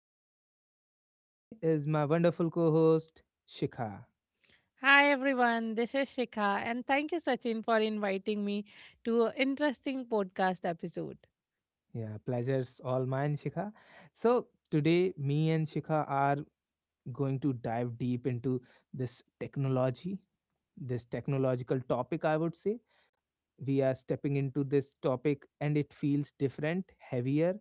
again. And with me is my wonderful co host, Shikha. Hi everyone, this is Shikha and thank you Sachin for inviting me to an interesting podcast episode. Yeah, pleasure's all mine, Shikha. So, today, me and Shikha are going to dive deep into this technology, this technological topic, I would say we are stepping into this topic and it feels different, heavier,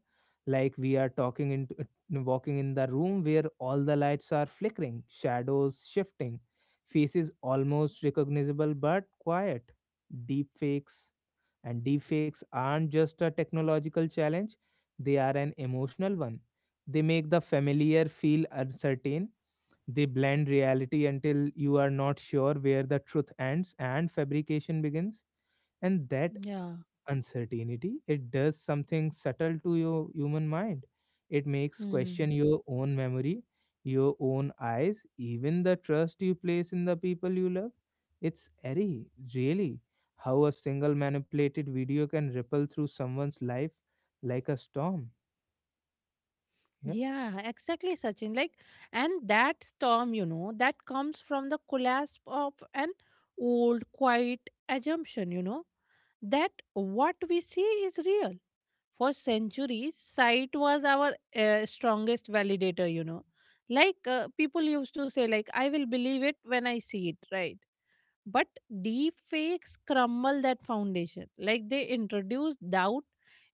like we are talking into walking in the room where all the lights are flickering, shadows shifting, faces almost recognizable but quiet. Deep fakes. And deep fakes aren't just a technological challenge, they are an emotional one. They make the familiar feel uncertain. They blend reality until you are not sure where the truth ends and fabrication begins. And that Yeah. uncertainty, it does something subtle to your human mind. It makes Hmm. question your own memory, your own eyes, even the trust you place in the people you love. It's eerie, really, how a single manipulated video can ripple through someone's life like a storm. Yeah. Yeah, exactly Sachin. And that storm, that comes from the collapse of an old quiet assumption, that what we see is real. For centuries, sight was our strongest validator, Like people used to say like I will believe it when I see it, right? But deep fakes crumble that foundation. Like they introduce doubt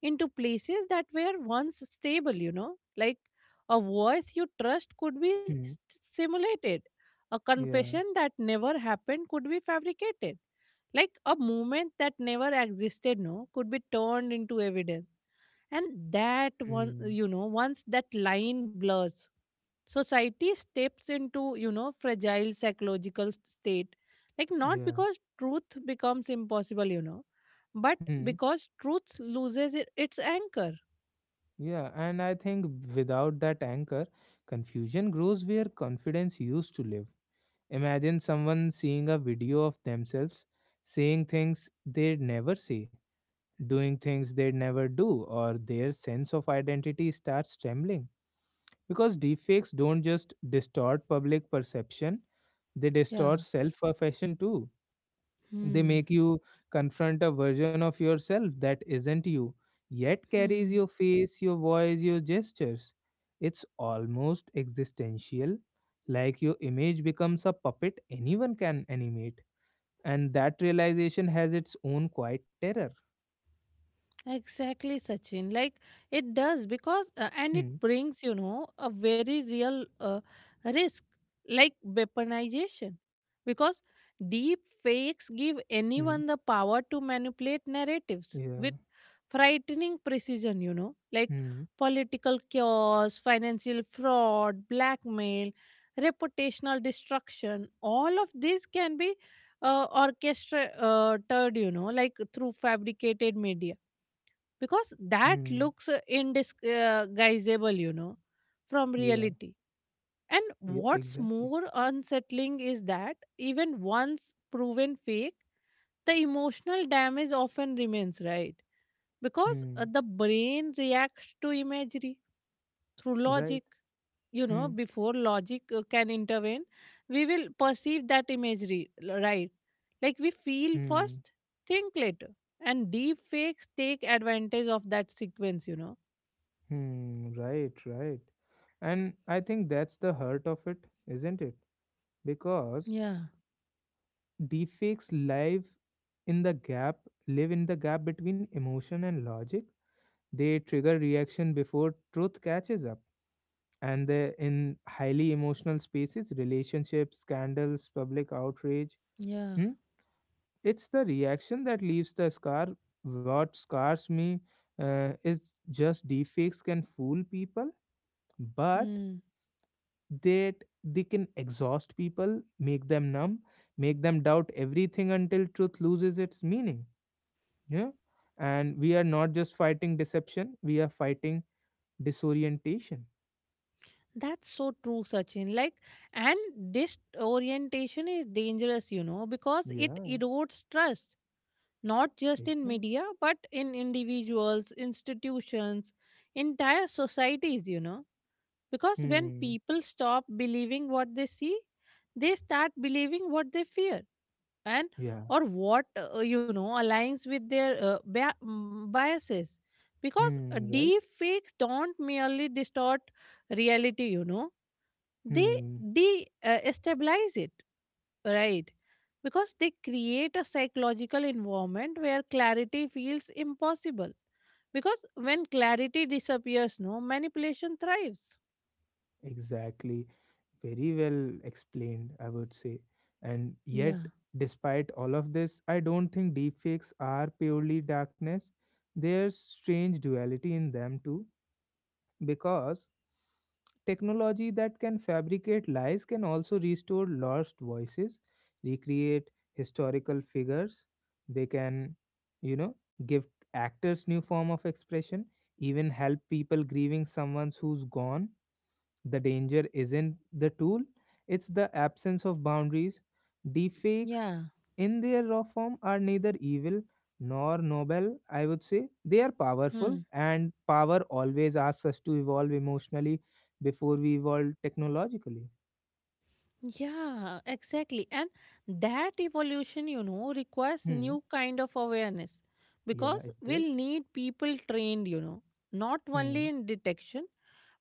into places that were once stable, Like a voice you trust could be Hmm. simulated, a confession Yeah. that never happened could be fabricated. Like a moment that never existed, no, could be turned into evidence. And that one, Hmm. you know, once that line blurs society steps into fragile psychological state, like not Yeah. because truth becomes impossible, but Hmm. because truth loses its anchor. Yeah, and I think without that anchor, confusion grows where confidence used to live. Imagine someone seeing a video of themselves saying things they'd never say, doing things they'd never do, or their sense of identity starts trembling. Because deepfakes don't just distort public perception, they distort Yeah. self perception too. They Hmm. make you confront a version of yourself that isn't you, yet carries your Hmm. face, your voice, your gestures. It's almost existential, like your image becomes a puppet anyone can animate. And that realization has its own quiet terror. Exactly, Sachin. Like it does because and it Hmm. brings a very real risk, like weaponization, because deep fakes give Hmm. anyone the power to manipulate narratives Yeah. with frightening precision. You know, like Hmm. political chaos, financial fraud, blackmail, reputational destruction. All of these can be orchestrated. You know, like through fabricated media because that Hmm. looks indisguisable, from Yeah. reality. And Yeah. what's Exactly. more unsettling is that even once proven fake, the emotional damage often remains, right? Because Hmm. The brain reacts to imagery through Right. logic. You know, Hmm. before logic can intervene, we will perceive that imagery, right? Like we feel Hmm. first, think later. And deep fakes take advantage of that sequence, Hmm. Right. Right. And I think that's the heart of it, isn't it? Because Yeah, deepfakes live in the gap, between emotion and logic. They trigger reaction before truth catches up, and they in highly emotional spaces, relationships, scandals, public outrage. yeah. hmm? It's the reaction that leaves the scar. What scars me is just deepfakes can fool people, but Hmm. that they can exhaust people, make them numb, make them doubt everything until truth loses its meaning. Yeah. And we are not just fighting deception, we are fighting disorientation. That's so true, Sachin. Like, and this orientation is dangerous, you know, because it Yeah, erodes trust, not just in exactly. media, but in individuals, institutions, entire societies, you know. Because when Hmm. people stop believing what they see, they start believing what they fear. And Yeah. or what aligns with their biases, because Hmm. Right. deep fakes don't merely distort reality, they Hmm. destabilize it, right? Because they create a psychological environment where clarity feels impossible, because when clarity disappears no manipulation thrives. Exactly. Very well explained, I would say. And yet, Yeah despite all of this, I don't think deepfakes are purely darkness. There's strange duality in them too, because technology that can fabricate lies can also restore lost voices, recreate historical figures. They can, you know give actors new form of expression, even help people grieving someone who's gone. The danger isn't the tool, it's the absence of boundaries. Deepfakes, yeah. in their raw form, are neither evil nor noble, I would say. They are powerful, and power always asks us to evolve emotionally before we evolve technologically. Yeah, exactly. And that evolution, you know, requires Hmm. new kind of awareness, Yeah, because it is. we'll need people trained, you know, not Hmm. only in detection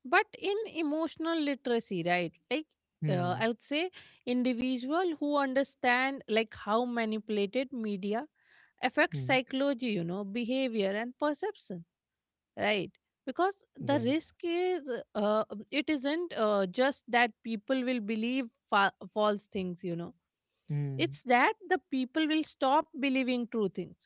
but in emotional literacy, right? Like Hmm. I would say individual who understand like how manipulated media affects Hmm. psychology, you know, behavior and perception, right? Because the Right. risk is it isn't just that people will believe false things, you know, Hmm. it's that the people will stop believing true things.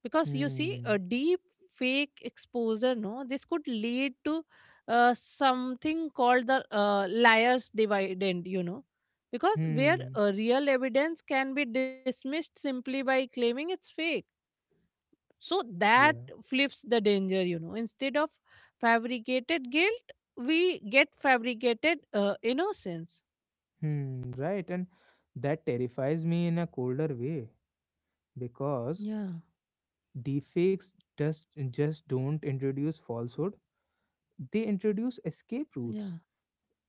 Because you see Hmm. a deep fake exposure, no, this could lead to something called the liars dividend, you know, because where Hmm. Real evidence can be dismissed simply by claiming it's fake. So that Yeah. flips the danger, you know. Instead of fabricated guilt, we get fabricated innocence. Hmm. Right. And that terrifies me in a colder way, because Yeah. deepfakes just don't introduce falsehood; they introduce escape Yeah. routes.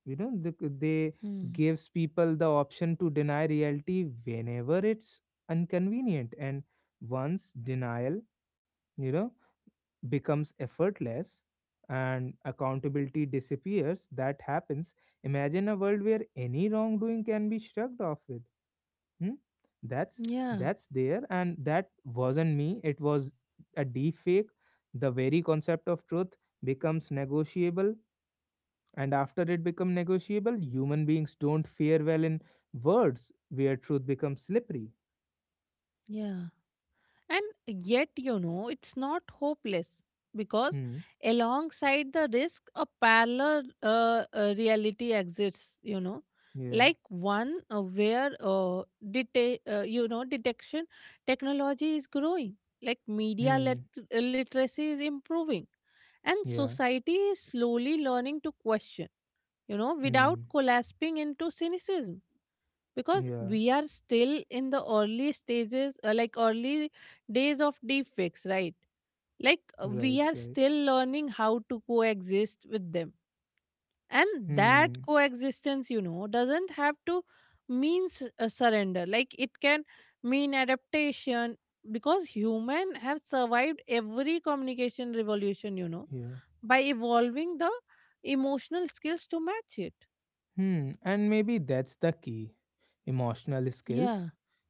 You know, they Hmm. gives people the option to deny reality whenever it's inconvenient, and once denial, you know, becomes effortless and accountability disappears, that happens. Imagine a world where any wrongdoing can be shrugged off with Hmm? That's Yeah. that's there, and that wasn't me. It was a deep fake. The very concept of truth becomes negotiable, and after it become negotiable, human beings don't fare well in words where truth becomes slippery. Yeah. And yet, you know, it's not hopeless, because Hmm. alongside the risk, a parallel reality exists, you know, Yeah. like one where detection technology is growing, like media Hmm. Literacy is improving, and Yeah. society is slowly learning to question, you know, without Hmm. collapsing into cynicism, because Yeah. we are still in the early stages, like early days of deepfakes, right? Like Right. we are Right. still learning how to coexist with them, and that Hmm. coexistence, you know, doesn't have to mean surrender. Like it can mean adaptation, because human have survived every communication revolution, you know, Yeah. by evolving the emotional skills to match it. Hmm. And maybe that's the key. Emotional Yeah. skills,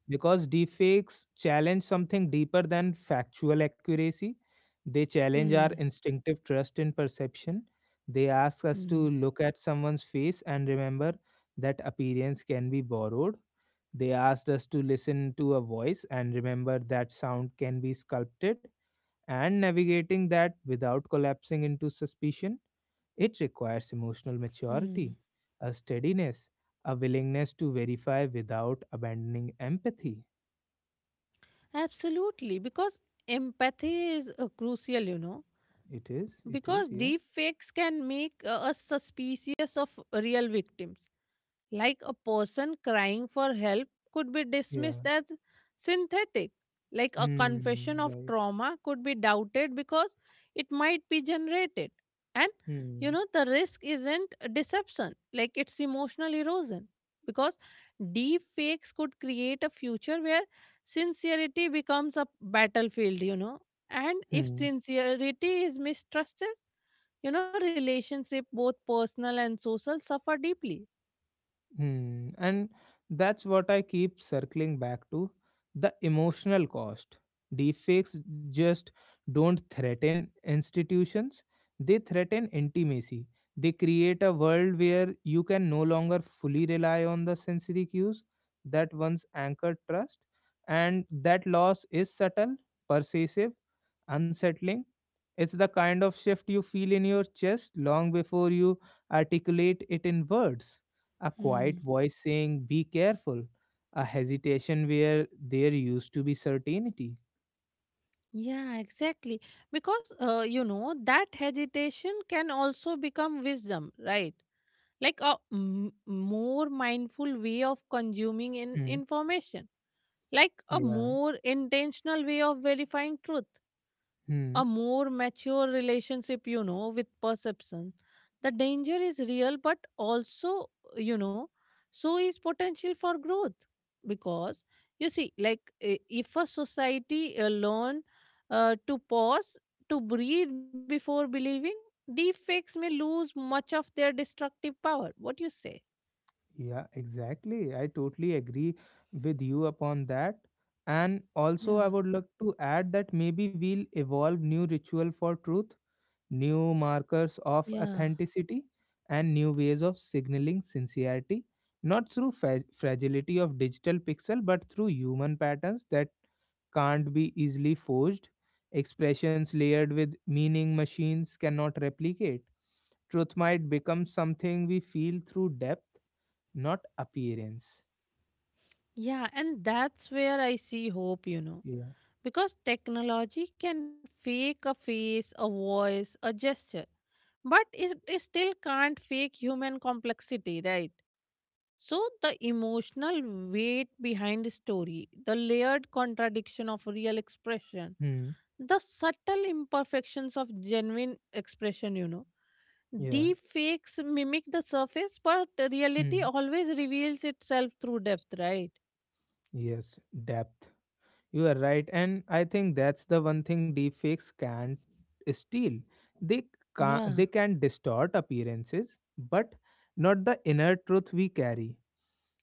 because deepfakes challenge something deeper than factual accuracy. They challenge our Hmm. instinctive trust in perception. They ask us to Hmm. look at someone's face and remember that appearance can be borrowed. They asked us to listen to a voice and remember that sound can be sculpted. And navigating that without collapsing into suspicion, it requires emotional Hmm. maturity, a steadiness, a willingness to verify without abandoning empathy. Absolutely, because empathy is crucial, you know, It is. It is. because Yeah. deep fakes can make us suspicious of real victims. Like a person crying for help could be Yeah. dismissed as synthetic. Like a confession Hmm. of Right. trauma could be doubted because it might be generated. And you Hmm. know, the risk isn't deception, like it's emotional erosion. Because deep fakes could create a future where sincerity becomes a battlefield, you know. And if Hmm. sincerity is mistrusted, you know, relationship both personal and social suffer deeply. Hmm. And that's what I keep circling back to, the emotional cost. Deepfakes just don't threaten institutions, they threaten intimacy. They create a world where you can no longer fully rely on the sensory cues that once anchored trust. And that loss is subtle, pervasive, unsettling. It's the kind of shift you feel in your chest long before you articulate it in words. A Hmm. quiet voice saying, "Be careful." A hesitation where there used to be certainty. Yeah, exactly. Because, you know, that hesitation can also become wisdom, right? Like a more mindful way of consuming Hmm. information, like a Yeah. more intentional way of verifying truth, Hmm. a more mature relationship, you know, with perception. The danger is real, but also, you know, so is potential for growth. Because, you see, like if a society learn to pause, to breathe before believing, deep fakes may lose much of their destructive power. What you say? Yeah, exactly. I totally agree with you upon that. And also, Yeah. I would like to add that maybe we'll evolve new ritual for truth, new markers of Yeah. authenticity, and new ways of signaling sincerity, not through fragility of digital pixel, but through human patterns that can't be easily forged, expressions layered with meaning machines cannot replicate. Truth might become something we feel through depth, not appearance. Yeah, and that's where I see hope, you know. Yeah. Because technology can fake a face, a voice, a gesture, but it still can't fake human complexity, right? So, the emotional weight behind the story, the layered contradiction of real expression, Hmm. the subtle imperfections of genuine expression, you know. Yeah. Deep fakes mimic the surface, but reality Hmm. always reveals itself through depth, right? Yes, depth. You are right, and I think that's the one thing deepfakes can't steal. They can, Yeah. they can distort appearances, but not the inner truth we carry.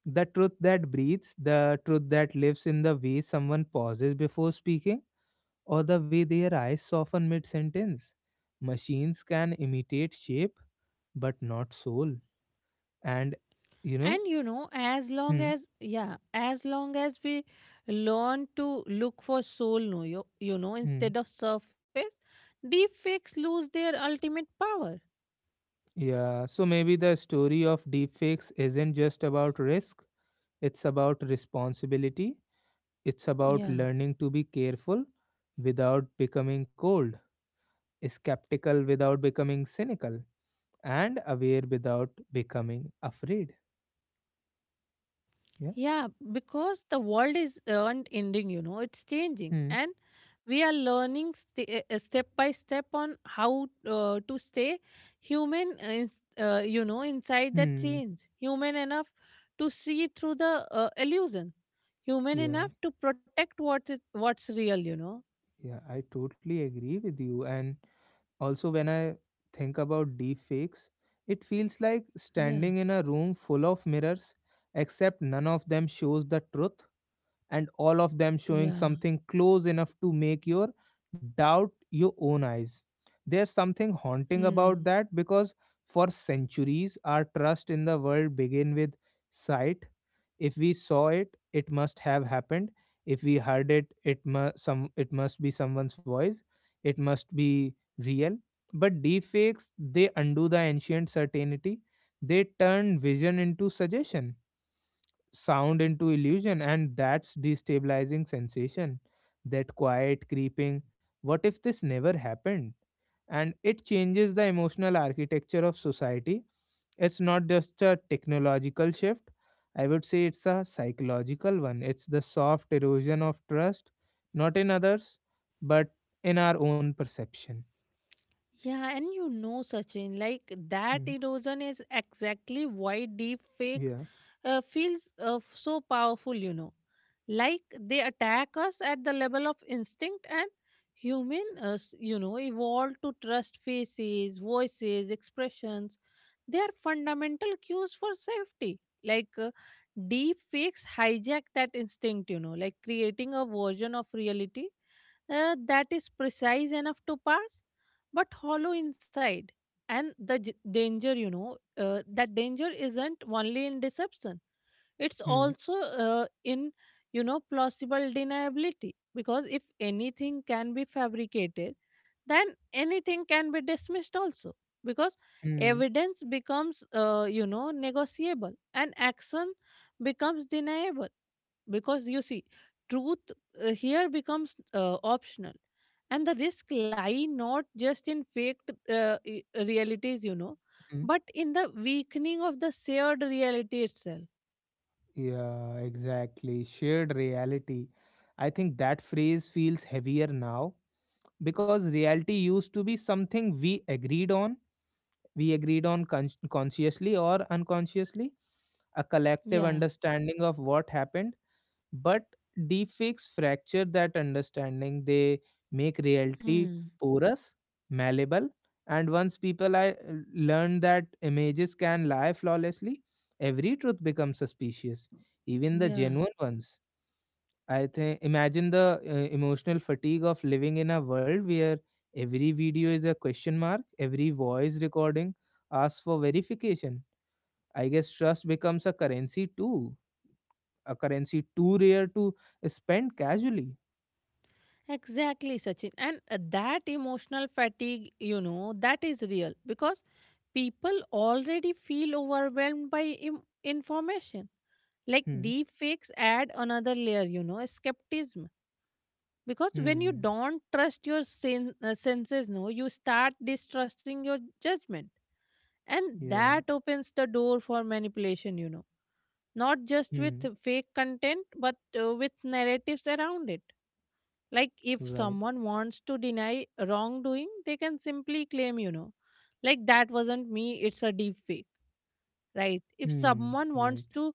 The truth that breathes, the truth that lives in the way someone pauses before speaking, or the way their eyes soften mid sentence. Machines can imitate shape, but not soul. And you And know, you know, as long hmm, as, yeah, as long as we learn to look for soul, no, you know hmm, instead of surface, deep fakes lose their ultimate power. yeah. So maybe the story of deepfakes isn't just about risk. It's about responsibility. It's about Yeah. learning to be careful without becoming cold, skeptical without becoming cynical, and aware without becoming afraid. Yeah. Yeah, because the world is not ending, you know, it's changing. Hmm. And we are learning, step by step, on how to stay human, inside that Hmm. change. Human enough to see through the illusion. Human Yeah. enough to protect what's real, you know. Yeah. I totally agree with you. And also, when I think about deep fakes, it feels like Yeah, standing in a room full of mirrors, except none of them shows the truth and all of them showing yeah. something close enough to make your doubt your own eyes. There's something haunting Hmm. about that, because for centuries our trust in the world began with sight. If we saw it, it must have happened. If we heard it, it must some it must be someone's voice. It must be real. But deepfakes, they undo the ancient certainty. They turn vision into suggestion, sound into illusion, and that's destabilizing sensation, that quiet creeping, what if this never happened? And it changes the emotional architecture of society. It's not just a technological shift, I would say it's a psychological one. It's the soft erosion of trust, not in others, but in our own perception. Yeah, and you know, Sachin, like that Hmm. erosion is exactly why deep fakes yeah feels so powerful, you know. Like they attack us at the level of instinct, and human, evolved to trust faces, voices, expressions. They are fundamental cues for safety. Like deep fakes hijack that instinct, you know, like creating a version of reality that is precise enough to pass but hollow inside. And the danger, you know, that danger isn't only in deception, it's Hmm. also in you know plausible deniability, because if anything can be fabricated then anything can be dismissed also, because Hmm. evidence becomes you know negotiable and action becomes deniable. Because you see truth here becomes optional, and the risk lie not just in faked realities, you know, but in the weakening of the shared reality itself. Yeah, exactly. Shared reality. I think that phrase feels heavier now, because reality used to be something we agreed on. We agreed on consciously or unconsciously, a collective Yeah. understanding of what happened. But deepfakes fracture that understanding. They make reality Hmm. porous, malleable, and once people I learn that images can lie flawlessly, every truth becomes suspicious, even the Yeah, genuine ones. I think imagine the emotional fatigue of living in a world where every video is a question mark, every voice recording asks for verification. I guess trust becomes a currency, too a currency too rare to spend casually. exactly Sachin. And that emotional fatigue, you know, that is real, because people already feel overwhelmed by information. Like Hmm. deep fakes add another layer, you know, skepticism, because when you Hmm. don't trust your senses, no, you start distrusting your judgment, and Yeah. that opens the door for manipulation, you know, not just with Hmm. fake content but with narratives around it. Like if Right. someone wants to deny wrongdoing they can simply claim, you know, like that wasn't me, it's a deep fake, right? If Hmm. someone Right. wants to,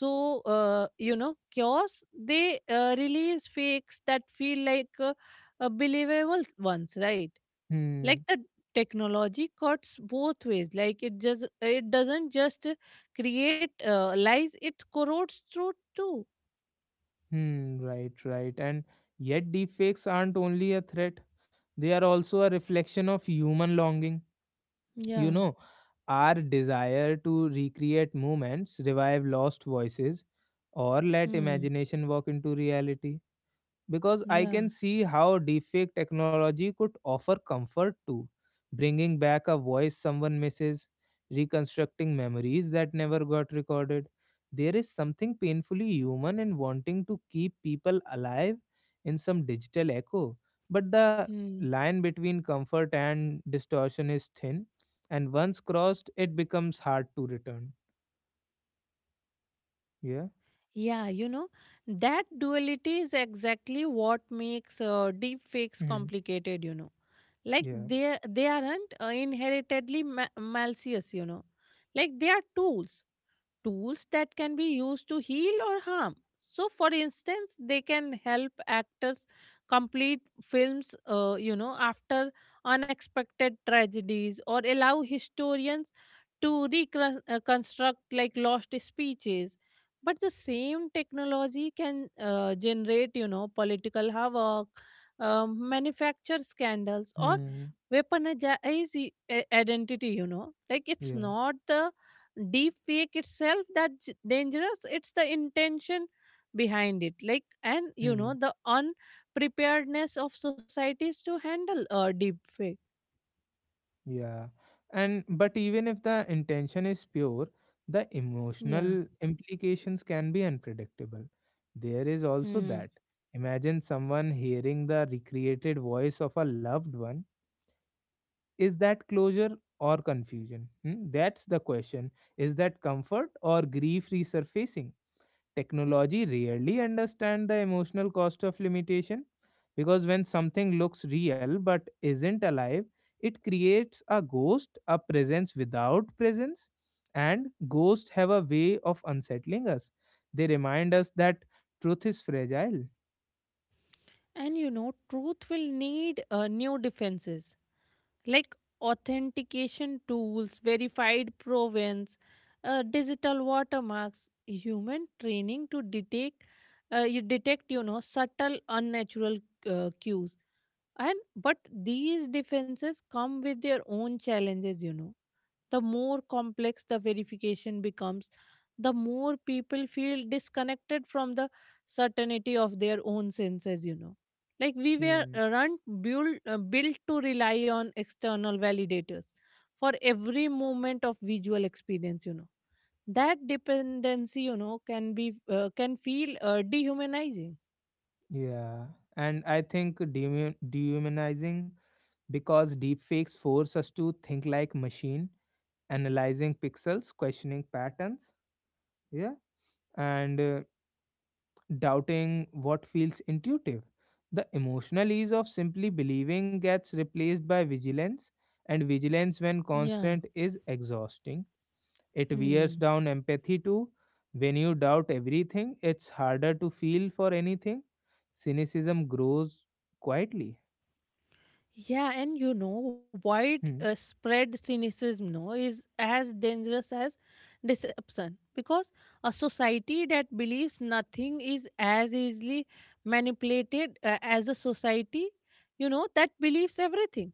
so you know cures, they release fakes that feel like believable ones, right? Hmm. Like the technology cuts both ways, like it doesn't just create lies, it corrodes truth too. Hmm. Right. Right. And yet, deepfakes aren't only a threat; they are also a reflection of human longing. You Yeah. know, our desire to recreate moments, revive lost voices, or let Hmm. imagination walk into reality. Because I Yeah. can see how deepfake technology could offer comfort too, bringing back a voice someone misses, reconstructing memories that never got recorded. There is something painfully human in wanting to keep people alive in some digital echo, but the Hmm. line between comfort and distortion is thin, and once crossed, it becomes hard to return. Yeah. Yeah, you know, that duality is exactly what makes deep fakes Hmm. complicated, you know. Like Yeah. they aren't inheritedly malicious, you know, like they are tools, tools that can be used to heal or harm. So, for instance, they can help actors complete films, you know, after unexpected tragedies, or allow historians to reconstruct like lost speeches. But the same technology can generate, you know, political havoc, manufacture scandals, or Hmm. weaponize identity. You know, like it's Yeah. not the deep fake itself that dangerous, it's the intention behind it, like and you know Hmm. the unpreparedness of societies to handle a deep fake. Yeah. And but even if the intention is pure, the Yeah. emotional implications can be unpredictable. There is also Hmm. that. Imagine someone hearing the recreated voice of a loved one. Is that closure or confusion? Hmm? That's the question. Is that comfort or grief resurfacing? Technology rarely understand the emotional cost of limitation, because when something looks real but isn't alive, it creates a ghost, a presence without presence, and ghosts have a way of unsettling us. They remind us that truth is fragile. And you know truth will need new defenses, like authentication tools, verified provenance, digital watermarks, human training to detect, you know, subtle unnatural cues. And but these defenses come with their own challenges, you know, the more complex the verification becomes, the more people feel disconnected from the certainty of their own senses, you know. Like we were Hmm. Built to rely on external validators for every moment of visual experience, you know. That dependency, you know, can feel dehumanizing. Yeah, and I think dehumanizing, because deepfakes force us to think like machine, analyzing pixels, questioning patterns. Yeah, and doubting what feels intuitive. The emotional ease of simply believing gets replaced by vigilance, and vigilance, when Yeah. constant, is exhausting. It wears Hmm. down empathy too. When you doubt everything, it's harder to feel for anything. Cynicism grows quietly. Yeah, and you know, wide Hmm. spread cynicism, no, is as dangerous as deception, because a society that believes nothing is as easily manipulated as a society, you know, that believes everything,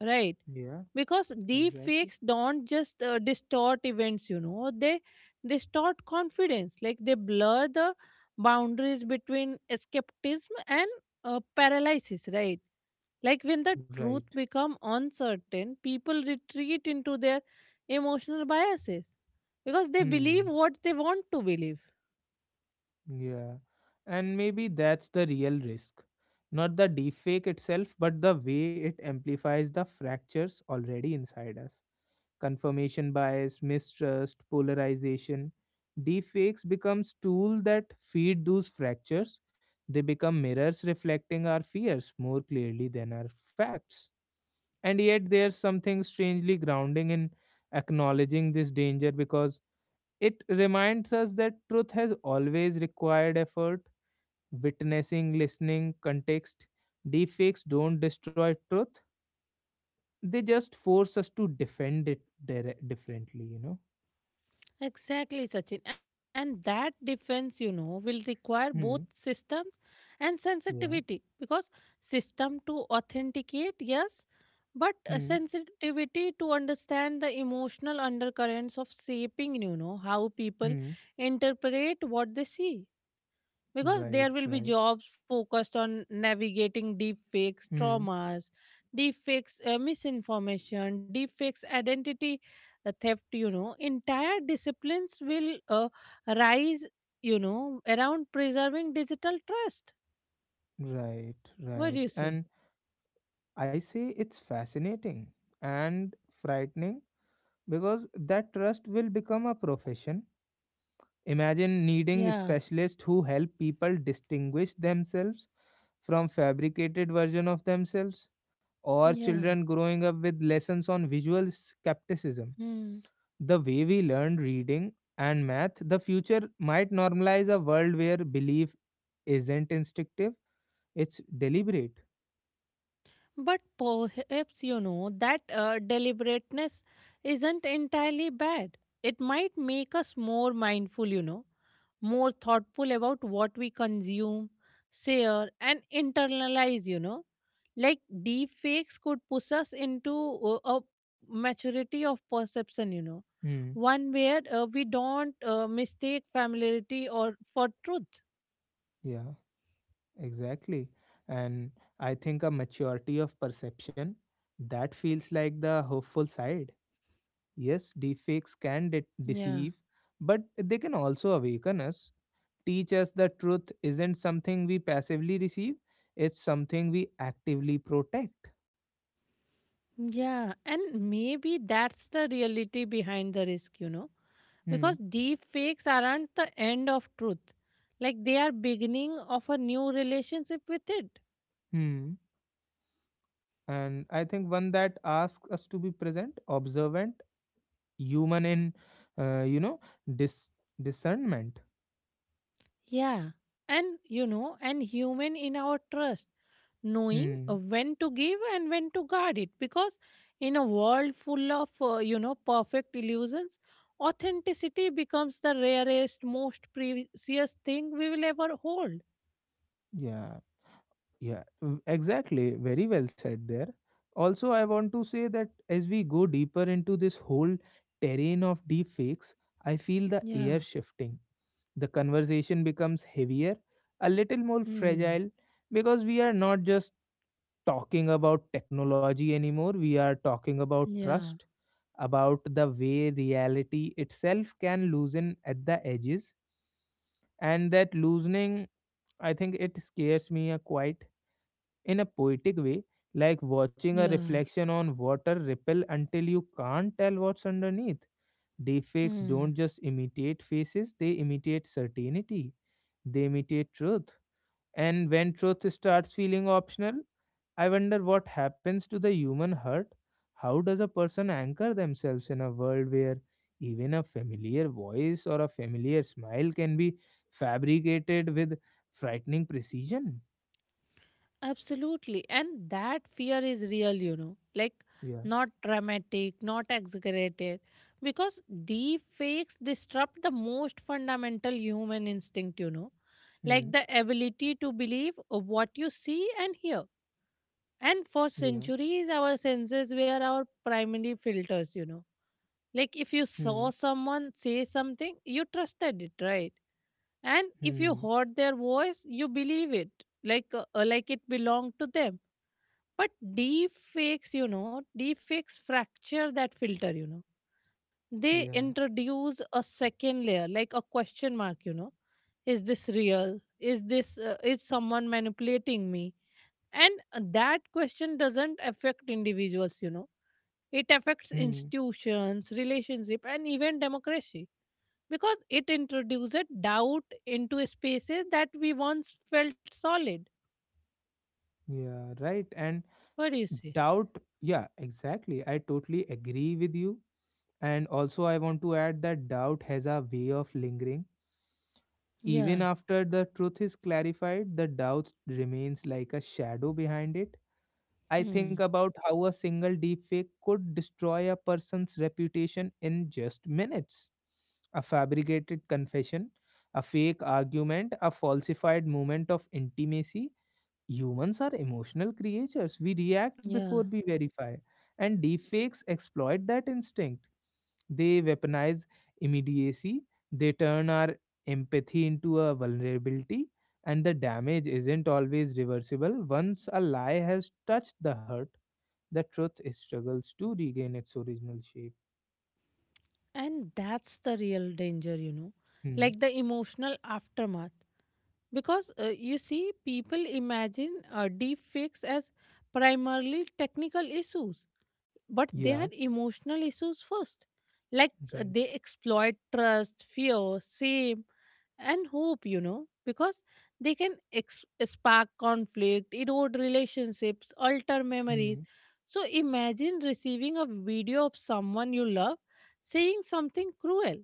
right? Yeah, Because deep exactly. fakes don't just distort events, you know, they distort confidence, like they blur the boundaries between skepticism and paralysis, right? Like when the truth Right. become uncertain, people retreat into their emotional biases because they believe Hmm. what they want to believe. Yeah. And maybe that's the real risk. Not the deepfake itself, but the way it amplifies the fractures already inside us. Confirmation bias, mistrust, polarization. Deepfakes becomes tool that feed those fractures. They become mirrors reflecting our fears more clearly than our facts. And yet there's something strangely grounding in acknowledging this danger, because it reminds us that truth has always required effort, witnessing, listening, context. Deepfakes don't destroy truth, they just force us to defend it differently, you know? Exactly, Sachin. And that defense, will require both Hmm. systems and Yeah. sensitivity because system to authenticate, yes, but a Hmm. sensitivity to understand the emotional undercurrents of shaping, how people Hmm. interpret what they see. Because Right, there will be right. jobs focused on navigating deep fakes Hmm. traumas, deep fakes misinformation, deep fakes identity theft. Entire disciplines will rise around preserving digital trust. Right, What do right. you say? And I say it's fascinating and frightening because that trust will become a profession. Imagine needing Yeah, specialists who help people distinguish themselves from fabricated version of themselves, or yeah. children growing up with lessons on visual skepticism Hmm. the way we learned reading and math. The future might normalize a world where belief isn't instinctive, it's deliberate. But perhaps that deliberateness isn't entirely bad. It might make us more mindful, more thoughtful about what we consume, share, and internalize. Like deep fakes could push us into a maturity of perception, Hmm. one where we don't mistake familiarity or for truth. Yeah, exactly. And I think a maturity of perception, that feels like the hopeful side. Yes, deepfakes can Yeah. deceive, but they can also awaken us, teach us the truth isn't something we passively receive, it's something we actively protect. Yeah, and maybe that's the reality behind the risk, Hmm. because deep fakes aren't the end of truth, like they are beginning of a new relationship with it. Hmm. And I think one that asks us to be present, observant, human in, uh, you know, dis- discernment. Yeah, and and human in our trust, knowing Hmm. when to give and when to guard it, because in a world full of perfect illusions, authenticity becomes the rarest most precious thing we will ever hold. Yeah. Yeah. Mm. Exactly. Very well said there. Also, I want to say that as we go deeper into this whole terrain of deepfakes, I feel the Yeah. air shifting. The conversation becomes heavier, a little more Hmm. fragile, because we are not just talking about technology anymore, we are talking about Yeah, trust, about the way reality itself can loosen at the edges. And that loosening, I think it scares me a quite in a poetic way, like watching a yeah. reflection on water ripple until you can't tell what's underneath. Deepfakes Hmm. don't just imitate faces, they imitate certainty, they imitate truth. And when truth starts feeling optional, I wonder what happens to the human heart. How does a person anchor themselves in a world where even a familiar voice or a familiar smile can be fabricated with frightening precision? Absolutely. And that fear is real, like Yeah. not dramatic, not exaggerated, because deep fakes disrupt the most fundamental human instinct, Hmm. like the ability to believe what you see and hear. And for Yeah. centuries, our senses were our primary filters. Like if you Hmm. saw someone say something, you trusted it, right? And if you Hmm. heard their voice, you believe it, like it belonged to them. But deep fakes, deep fakes fracture that filter. They Yeah. introduce a second layer, like a question mark. Is this real? Is this, is someone manipulating me? And that question doesn't affect individuals. It affects Hmm. institutions, relationship, and even democracy, because it introduces doubt into spaces that we once felt solid. Yeah. Right. And What do you say? doubt, yeah, exactly, I totally agree with you. And also I want to add that doubt has a way of lingering. Yeah. Even after the truth is clarified, the doubt remains like a shadow behind it. I think Hmm. about how a single deepfake could destroy a person's reputation in just minutes. A fabricated confession, a fake argument, a falsified moment of intimacy. Humans are emotional creatures. We react before Yeah. we verify, and deepfakes exploit that instinct. They weaponize immediacy, they turn our empathy into a vulnerability, and the damage isn't always reversible. Once a lie has touched the heart, the truth struggles to regain its original shape. And that's the real danger, Hmm. like the emotional aftermath. Because you see, people imagine deep fakes as primarily technical issues, but they Yeah, had emotional issues first. Like right. they exploit trust, fear, shame, and hope, because they can spark conflict, erode relationships, alter memories. Hmm. So imagine receiving a video of someone you love saying something cruel.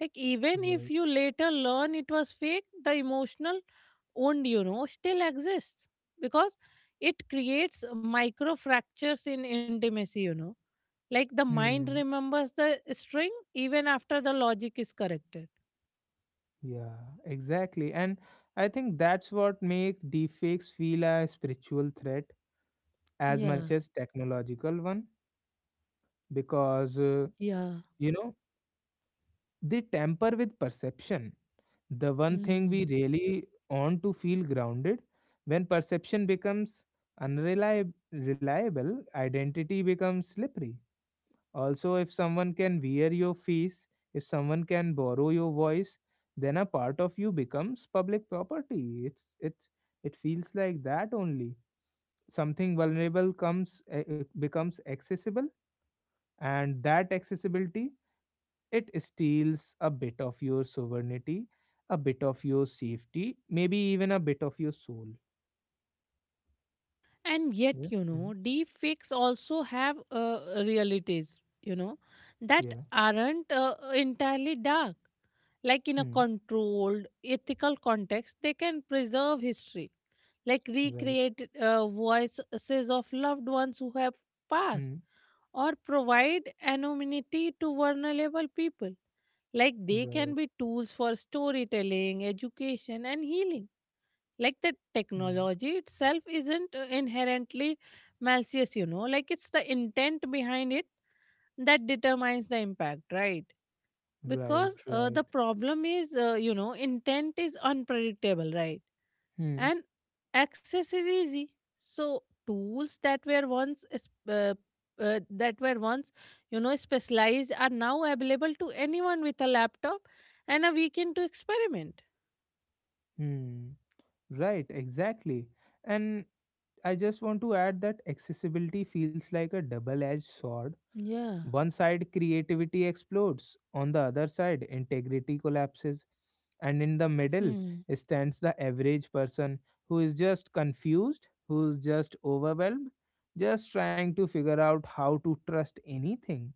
Like even if Right. you later learn it was fake, the emotional wound, still exists, because it creates micro fractures in intimacy, like the mind Hmm. remembers the string even after the logic is corrected. Yeah, exactly. And I think that's what make deepfakes feel a spiritual threat as Yeah. much as technological one, because Yeah. you know they tamper with perception. The one thing Hmm. we really want to feel grounded. When perception becomes unreliable, reliable, identity becomes slippery. Also, if someone can wear your face, if someone can borrow your voice, then a part of you becomes public property. It's it feels like that only. Something vulnerable comes becomes accessible, and that accessibility, it steals a bit of your sovereignty, a bit of your safety, maybe even a bit of your soul. And yet Yeah. Mm. deep fakes also have realities, that Yeah. aren't entirely dark. Like in a Mm. controlled ethical context they can preserve history, like Right. recreate voices of loved ones who have passed, Mm. or provide anonymity to vulnerable people. Like they can Right. be tools for storytelling, education, and healing. Like the Mm. technology itself isn't inherently malicious, like it's the intent behind it that determines the impact, right? Right. Because Right. the problem is, intent is unpredictable, right? Hmm. And access is easy, so tools that were once uh, that were once specialized are now available to anyone with a laptop and a weekend to experiment. Hmm. Right, exactly. And I just want to add that accessibility feels like a double edged sword. Yeah. One side, creativity explodes, on the other side, integrity collapses, and in the middle Hmm. stands the average person who is just confused, who's just overwhelmed, just trying to figure out how to trust anything.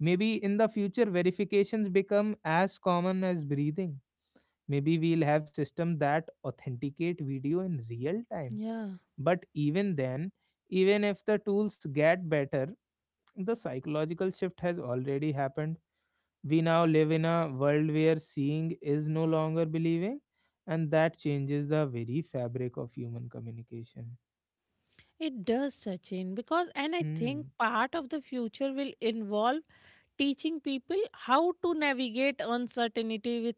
Maybe in the future, verifications become as common as breathing. Maybe we'll have systems that authenticate video in real time. Yeah, But even then, even if the tools get better, the psychological shift has already happened. We now live in a world where seeing is no longer believing, and that changes the very fabric of human communication. it does, Sachin, because and I Hmm. think part of the future will involve teaching people how to navigate uncertainty with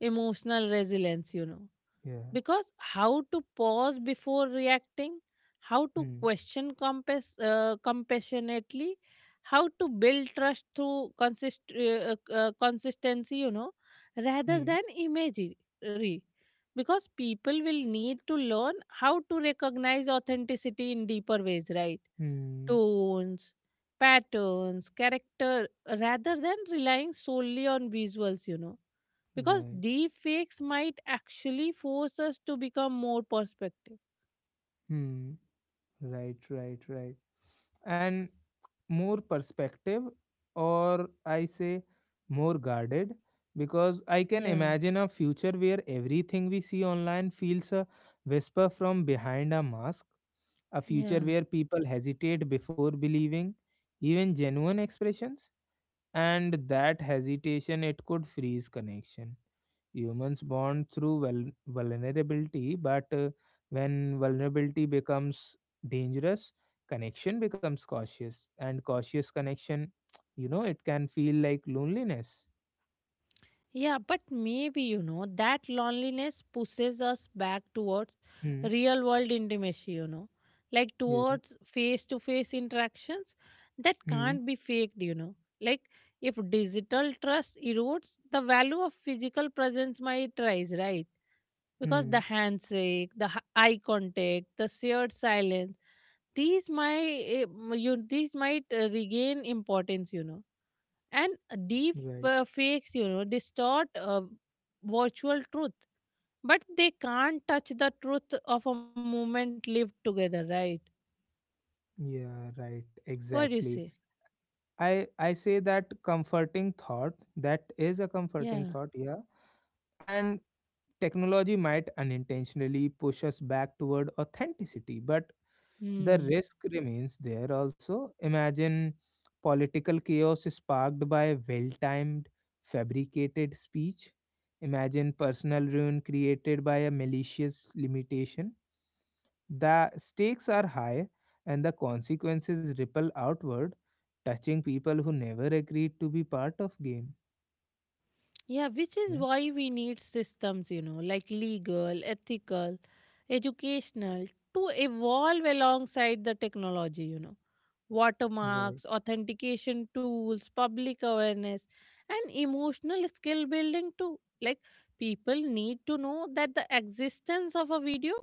emotional resilience. Yeah. Because how to pause before reacting, how to Hmm. question compassionately, how to build trust through consistency, rather Hmm. than imagery, because people will need to learn how to recognize authenticity in deeper ways, right? Hmm. Tones, patterns, character, rather than relying solely on visuals. Hmm. Because Right. deep fakes might actually force us to become more perspective. Hmm. Right, right, right. And more perspective, or I say more guarded, because I can Yeah. imagine a future where everything we see online feels a whisper from behind a mask, a future Yeah. where people hesitate before believing even genuine expressions, and that hesitation, it could freeze connection. Humans bond through vulnerability, but when vulnerability becomes dangerous, connection becomes cautious, and cautious connection, it can feel like loneliness. Yeah, but maybe that loneliness pushes us back towards Hmm. real world intimacy, like Yeah. towards face to face interactions that Hmm. can't be faked. Like if digital trust erodes, the value of physical presence might rise, right? Because the Hmm. handshake, the eye contact, the shared silence, these might eh, you these might regain importance. And deep Right. Fakes distort virtual truth, but they can't touch the truth of a moment lived together, right? Yeah. Right. What do you say? Exactly. I say that comforting thought. That is a Yeah. comforting thought. Yeah. And technology might unintentionally push us back toward authenticity, but the Hmm. risk remains there also. Imagine political chaos sparked by well timed, fabricated speech. Imagine personal ruin created by a malicious limitation. The stakes are high and the consequences ripple outward, touching people who never agreed to be part of game. Yeah, which is Yeah, why we need systems, like legal, ethical, educational, to evolve alongside the technology. Right. Watermarks, authentication tools, public awareness, and emotional skill building too. Like, people need to know that the existence of a video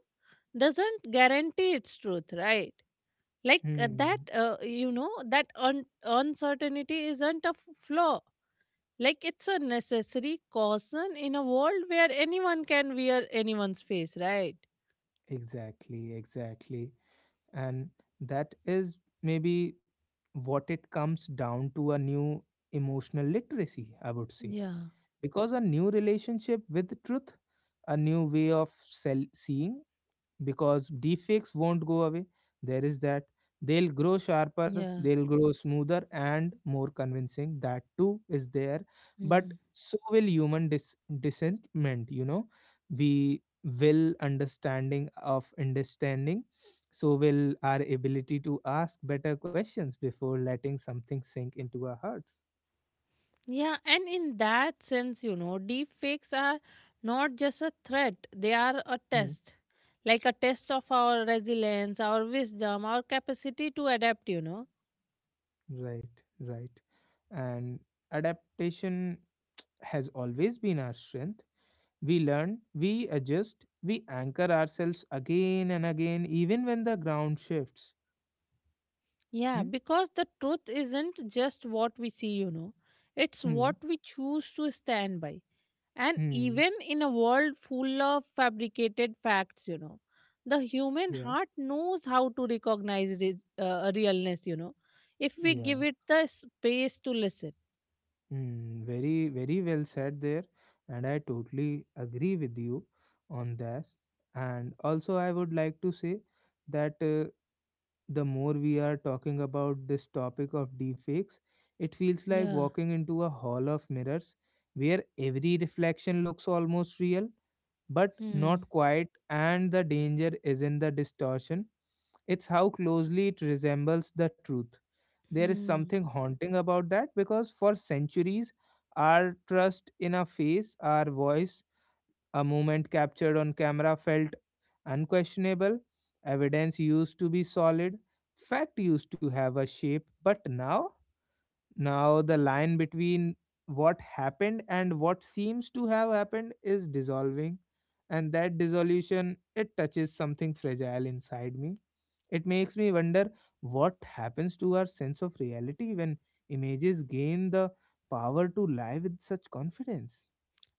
doesn't guarantee its truth, right? Like, Hmm. That uncertainty isn't a flaw, like it's a necessary caution in a world where anyone can wear anyone's face, right? Exactly, exactly. And that is maybe what it comes down to, a new emotional literacy, I would say. Yeah, Because a new relationship with truth, a new way of seeing, because defects won't go away. There is that. They'll grow sharper, yeah. they'll grow smoother and more convincing. That too is there. But Hmm. so will human dissentment, We will understanding of understanding. So will our ability to ask better questions before letting something sink into our hearts. Yeah, and in that sense, deep fakes are not just a threat, they are a Mm. test. Like a test of our resilience, our wisdom, our capacity to adapt. Right, right. And adaptation has always been our strength. We learn, we adjust, we anchor ourselves again and again, even when the ground shifts. Hmm? Yeah, because the truth isn't just what we see, it's Hmm. what we choose to stand by. And Hmm. even in a world full of fabricated facts, the human Yeah. heart knows how to recognize realness, if we Yeah. give it the space to listen. Hmm. Very, very well said there. And I totally agree with you on this. And also, I would like to say that the more we are talking about this topic of deepfakes, it feels like Yeah. walking into a hall of mirrors where every reflection looks almost real but Hmm. not quite, and the danger is in the distortion. It's how closely it resembles the truth. There is Hmm. something haunting about that because for centuries, our trust in a face, our voice, a moment captured on camera felt unquestionable. Evidence used to be solid, fact used to have a shape, but now, the line between what happened and what seems to have happened is dissolving, and that dissolution, it touches something fragile inside me. It makes me wonder what happens to our sense of reality when images gain the power to lie with such confidence.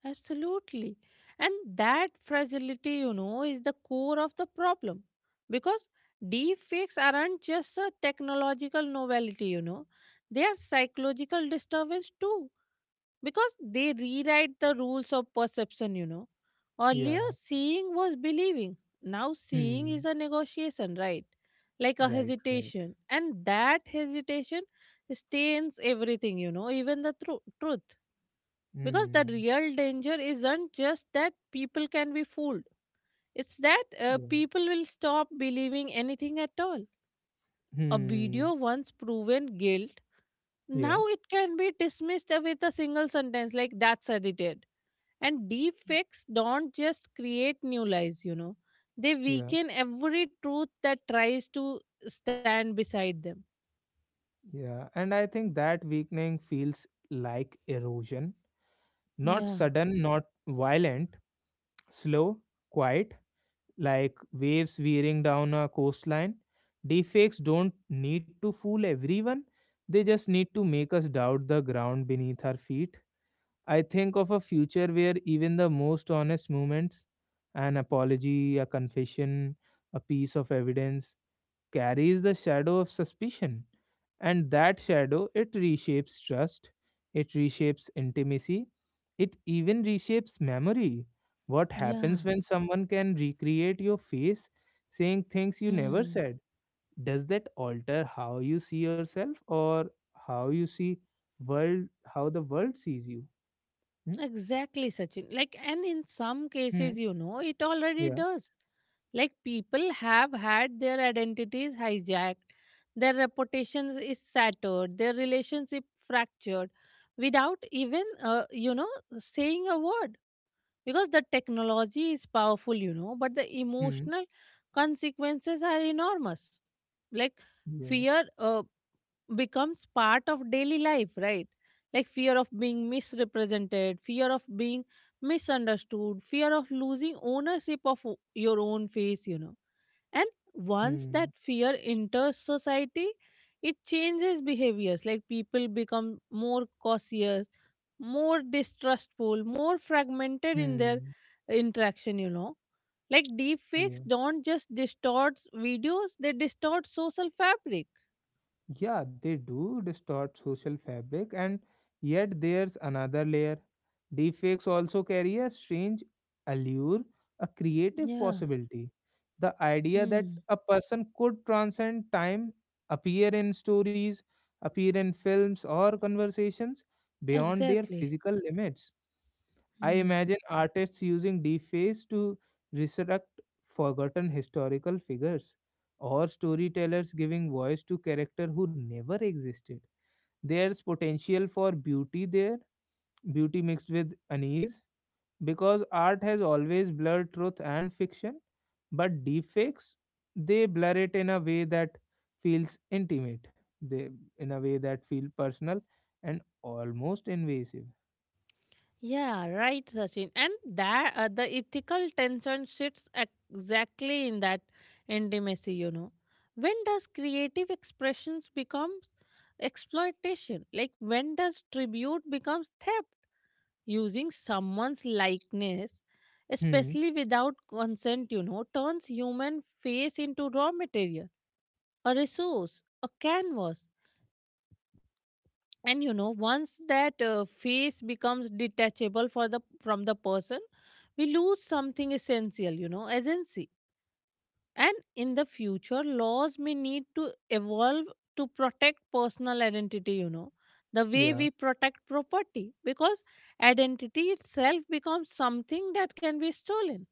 Absolutely. And that fragility, is the core of the problem. Because deep fakes aren't just a technological novelty, they are psychological disturbance too, because they rewrite the rules of perception. Earlier, Yeah. seeing was believing. Now, seeing is Hmm. a negotiation, right? Like a Right. Right. hesitation. And that hesitation stains everything, even the truth. Because the Hmm. real danger isn't just that people can be fooled, it's that Yeah. people will stop believing anything at all. A video Hmm. once proven guilt, Yeah. now it can be dismissed with a single sentence like that's edited. And deep fakes don't just create new lies, they Yeah. weaken every truth that tries to stand beside them. Yeah. And I think that weakening feels like erosion. Yeah. Not sudden, not violent, slow, quiet, like waves veering down a coastline. Deepfakes don't need to fool everyone, they just need to make us doubt the ground beneath our feet. I think of a future where even the most honest moments, an apology, a confession, a piece of evidence, carries the shadow of suspicion. And that shadow, it reshapes trust, it reshapes intimacy, it even reshapes memory. What happens Yeah. when someone can recreate your face saying things you never Hmm. said? Does that alter how you see yourself, or how you see world, how the world sees you? Hmm? Exactly, Sachin. Like, and in some Hmm. cases, it already Yeah. does. Like, people have had their identities hijacked, their reputations is shattered, their relationship fractured without even, saying a word. Because the technology is powerful, but the Hmm. emotional consequences are enormous, like fear Yeah. Becomes part of daily life, right? Like fear of being misrepresented, fear of being misunderstood, fear of losing ownership of your own face. And once that Hmm. fear enters society, it changes behaviors. Like people become more cautious, more distrustful, more fragmented in their Hmm. interaction. Like deep fakes Yeah. don't just distort videos, they distort social fabric. Yeah, they do distort social fabric, and yet there's another layer. Deepfakes also carry a strange allure, a creative Yeah. possibility. The idea that Hmm. a person could transcend time, appear in stories, appear in films or conversations beyond their Exactly. physical limits. I Hmm. imagine artists using deepfakes to resurrect forgotten historical figures, or storytellers giving voice to character who never existed. There's potential for beauty there, beauty mixed with unease, because art has always blurred truth and fiction, but deepfakes, they blur it in a way that feels intimate, they in a way that feel personal and almost invasive. Yeah, right, Sachin. And that the ethical tension sits exactly in that intimacy. When does creative expressions become exploitation? Like when does tribute becomes theft? Using someone's likeness, Hmm. especially without consent, turns human face into raw material, a resource, a canvas. And once that face becomes detachable for the from the person, we lose something essential, agency. And in the future laws may need to evolve to protect personal identity, the way Yeah. we protect property, because identity itself becomes something that can be stolen.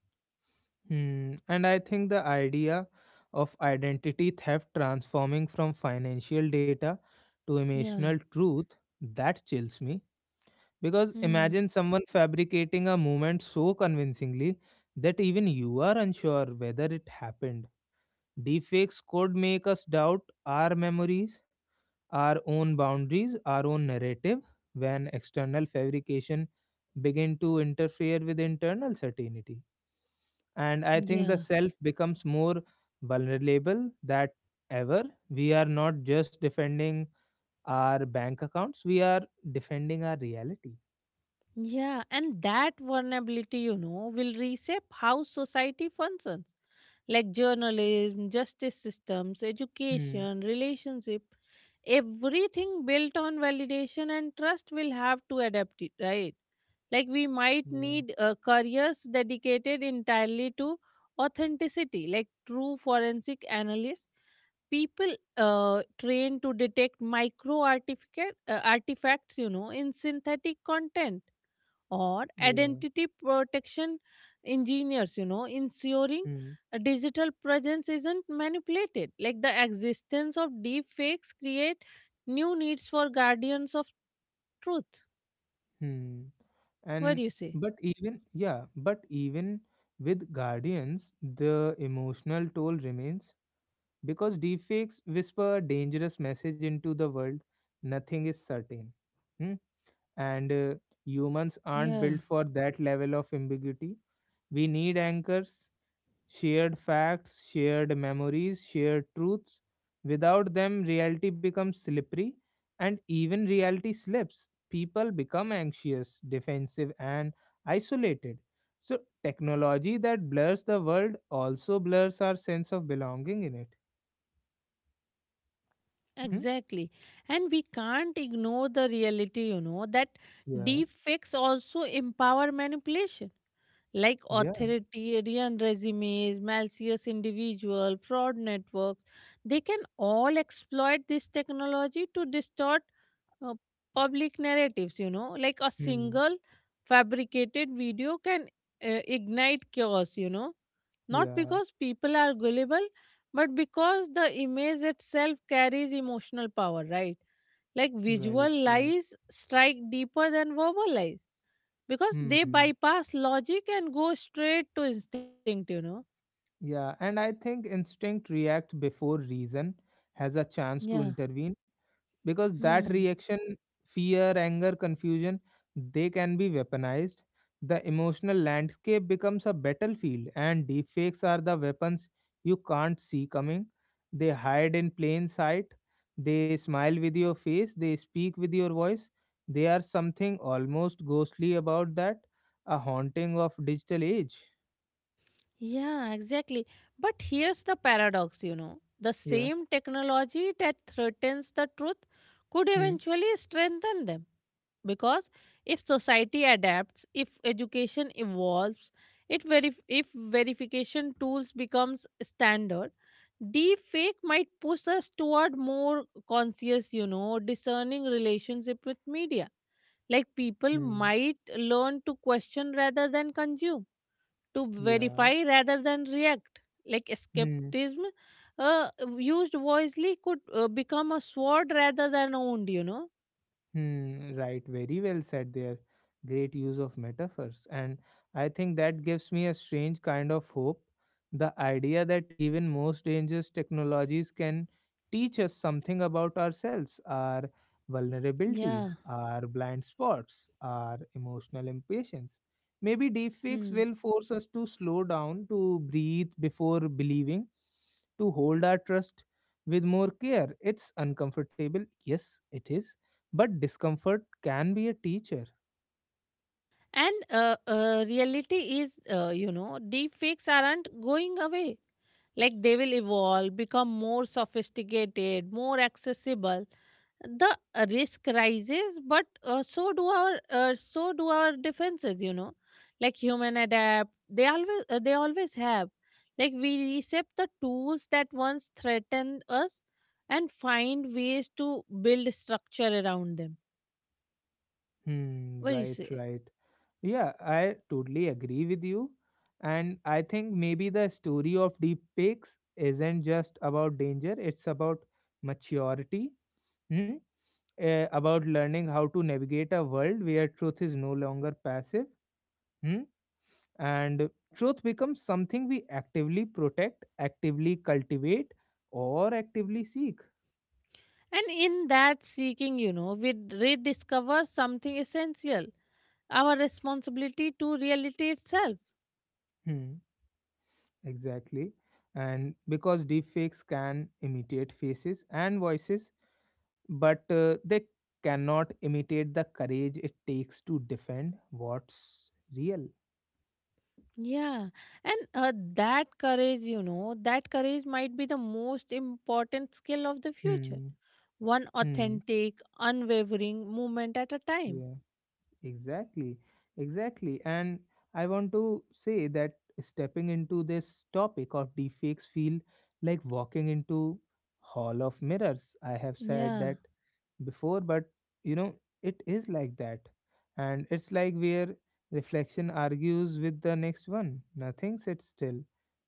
Hmm. And I think the idea of identity theft transforming from financial data to emotional Yeah. truth, that chills me. Because Hmm. imagine someone fabricating a moment so convincingly that even you are unsure whether it happened. Deepfakes could make us doubt our memories, our own boundaries, our own narrative. When external fabrication begin to interfere with internal certainty, and I think the Yeah. self becomes more vulnerable that ever. We are not just defending our bank accounts, we are defending our reality. Yeah, and that vulnerability, will reshape how society functions, like journalism, justice systems, Hmm. education, relationship. Everything built on validation and trust will have to adapt it, right? Like we might Yeah. need careers dedicated entirely to authenticity, like true forensic analysts, people trained to detect artifacts in synthetic content, or Yeah. identity protection engineers, ensuring Hmm. a digital presence isn't manipulated. Like the existence of deep fakes create new needs for guardians of truth. Hmm. What do you say? And but even with guardians the emotional toll remains, because deepfakes whisper dangerous message into the world. Nothing is certain. Hmm. And humans aren't built for that level of ambiguity. We need anchors, shared facts, shared memories, shared truths. Without them, reality becomes slippery, and even reality slips. People become anxious, defensive, and isolated. So, technology that blurs the world also blurs our sense of belonging in it. Hmm? Exactly. And we can't ignore the reality, that Yeah, deepfakes also empower manipulation, like yeah. authoritarian regimes, malicious individual, fraud networks. They can all exploit this technology to distort uh, public narratives, like a Hmm. single fabricated video can ignite chaos, not Yeah, because people are gullible, but because the image itself carries emotional power, right? Like right, visual right. lies strike deeper than verbal lies because they Hmm. bypass logic and go straight to instinct. Yeah, and I think instinct react before reason has a chance to Yeah. intervene, because that Hmm. reaction, fear, anger, confusion, they can be weaponized. The emotional landscape becomes a battlefield, and deepfakes are the weapons you can't see coming. They hide in plain sight, they smile with your face, they speak with your voice. They are something almost ghostly about that, a haunting of digital age. Yeah, exactly. But here's the paradox. The Yeah. same technology that threatens the truth could Hmm. eventually strengthen them. Because if society adapts, if education evolves, it if verification tools becomes standard, deep fake might push us toward more conscious, discerning relationship with media. Like people might learn to question rather than consume, to Yeah. verify rather than react, like Hmm. skepticism uh, used wisely could become a sword rather than wound. Hmm, right, very well said there. Great use of metaphors. And I think that gives me a strange kind of hope. The idea that even most dangerous technologies can teach us something about ourselves, our Yeah. vulnerabilities, our blind spots, our emotional impatience. Maybe deepfakes Hmm. will force us to slow down, to breathe before believing, to hold our trust with more care. It's uncomfortable, yes, it is, but discomfort can be a teacher. And reality is, deep fakes aren't going away. Like they will evolve, become more sophisticated, more accessible. The risk rises, but so do our so do our defenses. Like human adapt. They always they always have. Like we accept the tools that once threatened us, and find ways to build structure around them. Hmm, What do you right, say? right. Yeah, I totally agree with you. And I think maybe the story of deep fakes isn't just about danger, it's about maturity, hmm? About learning how to navigate a world where truth is no longer passive. Hmm? And truth becomes something we actively protect, actively cultivate, or actively seek. And in that seeking, you know, we rediscover something essential, our responsibility to reality itself. Hmm. Exactly. And because deepfakes can imitate faces and voices, but they cannot imitate the courage it takes to defend what's real. Yeah. And that courage, you know, that courage might be the most important skill of the future. Hmm. One Hmm. authentic, unwavering movement at a time. Yeah. Exactly. Exactly. And I want to say that stepping into this topic of deepfakes feel like walking into hall of mirrors. I have said that Yeah. before, but you know it is like that, and it's like where reflection argues with the next one. Nothing sits still,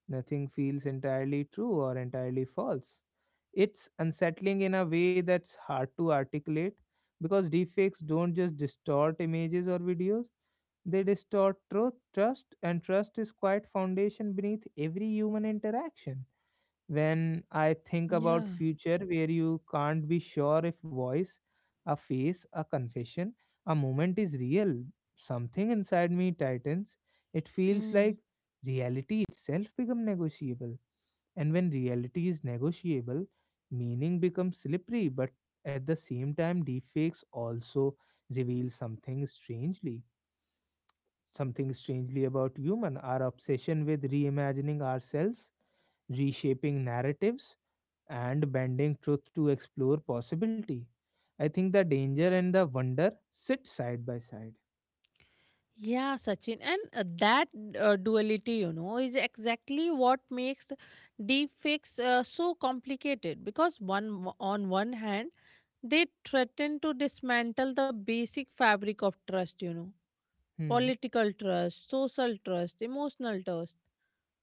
nothing feels entirely true or entirely false. It's unsettling in a way that's hard to articulate, because deepfakes don't just distort images or videos, they distort truth, trust, and trust is quite foundation beneath every human interaction. When I think about Yeah. future where you can't be sure if voice, a face, a confession, a moment is real, something inside me tightens. It feels like Hmm. reality itself become negotiable, and when reality is negotiable, meaning becomes slippery. But at the same time, deepfakes also reveal something strangely, something strangely about human, our obsession with reimagining ourselves, reshaping narratives, and bending truth to explore possibility. I think the danger and the wonder sit side by side. Yeah, Sachin, and that duality, you know, is exactly what makes deepfakes so complicated. On one hand, they threaten to dismantle the basic fabric of trust, you know, Hmm. political trust, social trust, emotional trust.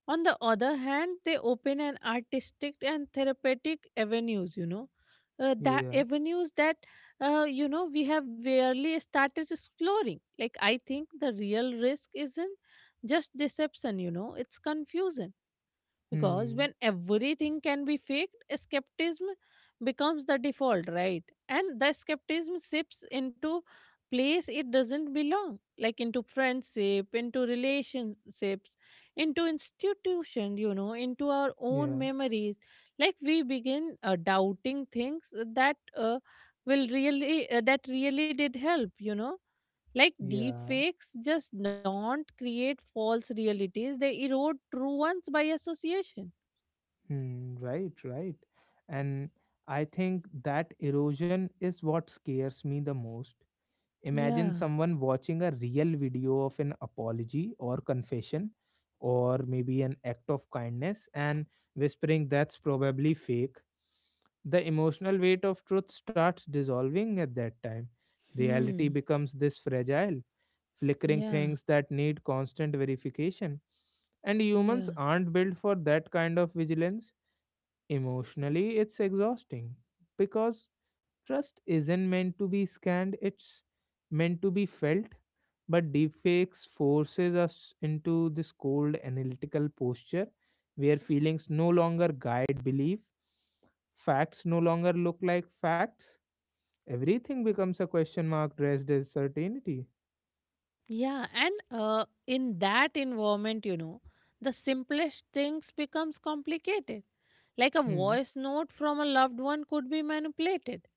On the other hand, they open an artistic and therapeutic avenues, you know, uh, that Yeah. avenues that, you know, we have barely started exploring. Like, I think the real risk isn't just deception, you know, it's confusion, because Hmm. when everything can be faked, skepticism becomes the default, right? And the skepticism shifts into place it doesn't belong, like into friendship, into relationships, into institution, you know, into our own Yeah. memories. Like we begin doubting things that will really that really did help, you know. Like deep Yeah. fakes just don't create false realities; they erode true ones by association. Hmm. Right. Right. And I think that erosion is what scares me the most. Imagine Yeah. someone watching a real video of an apology or confession or maybe an act of kindness, and whispering that's probably fake. The emotional weight of truth starts dissolving at that time. Reality Hmm. becomes this fragile, flickering Yeah. things that need constant verification. And humans Yeah. aren't built for that kind of vigilance. Emotionally, it's exhausting, because trust isn't meant to be scanned, it's meant to be felt. But deepfakes forces us into this cold analytical posture where feelings no longer guide belief, facts no longer look like facts. Everything becomes a question mark dressed as certainty. Yeah. And in that environment, you know, the simplest things becomes complicated. Like a Hmm. voice note from a loved one could be manipulated.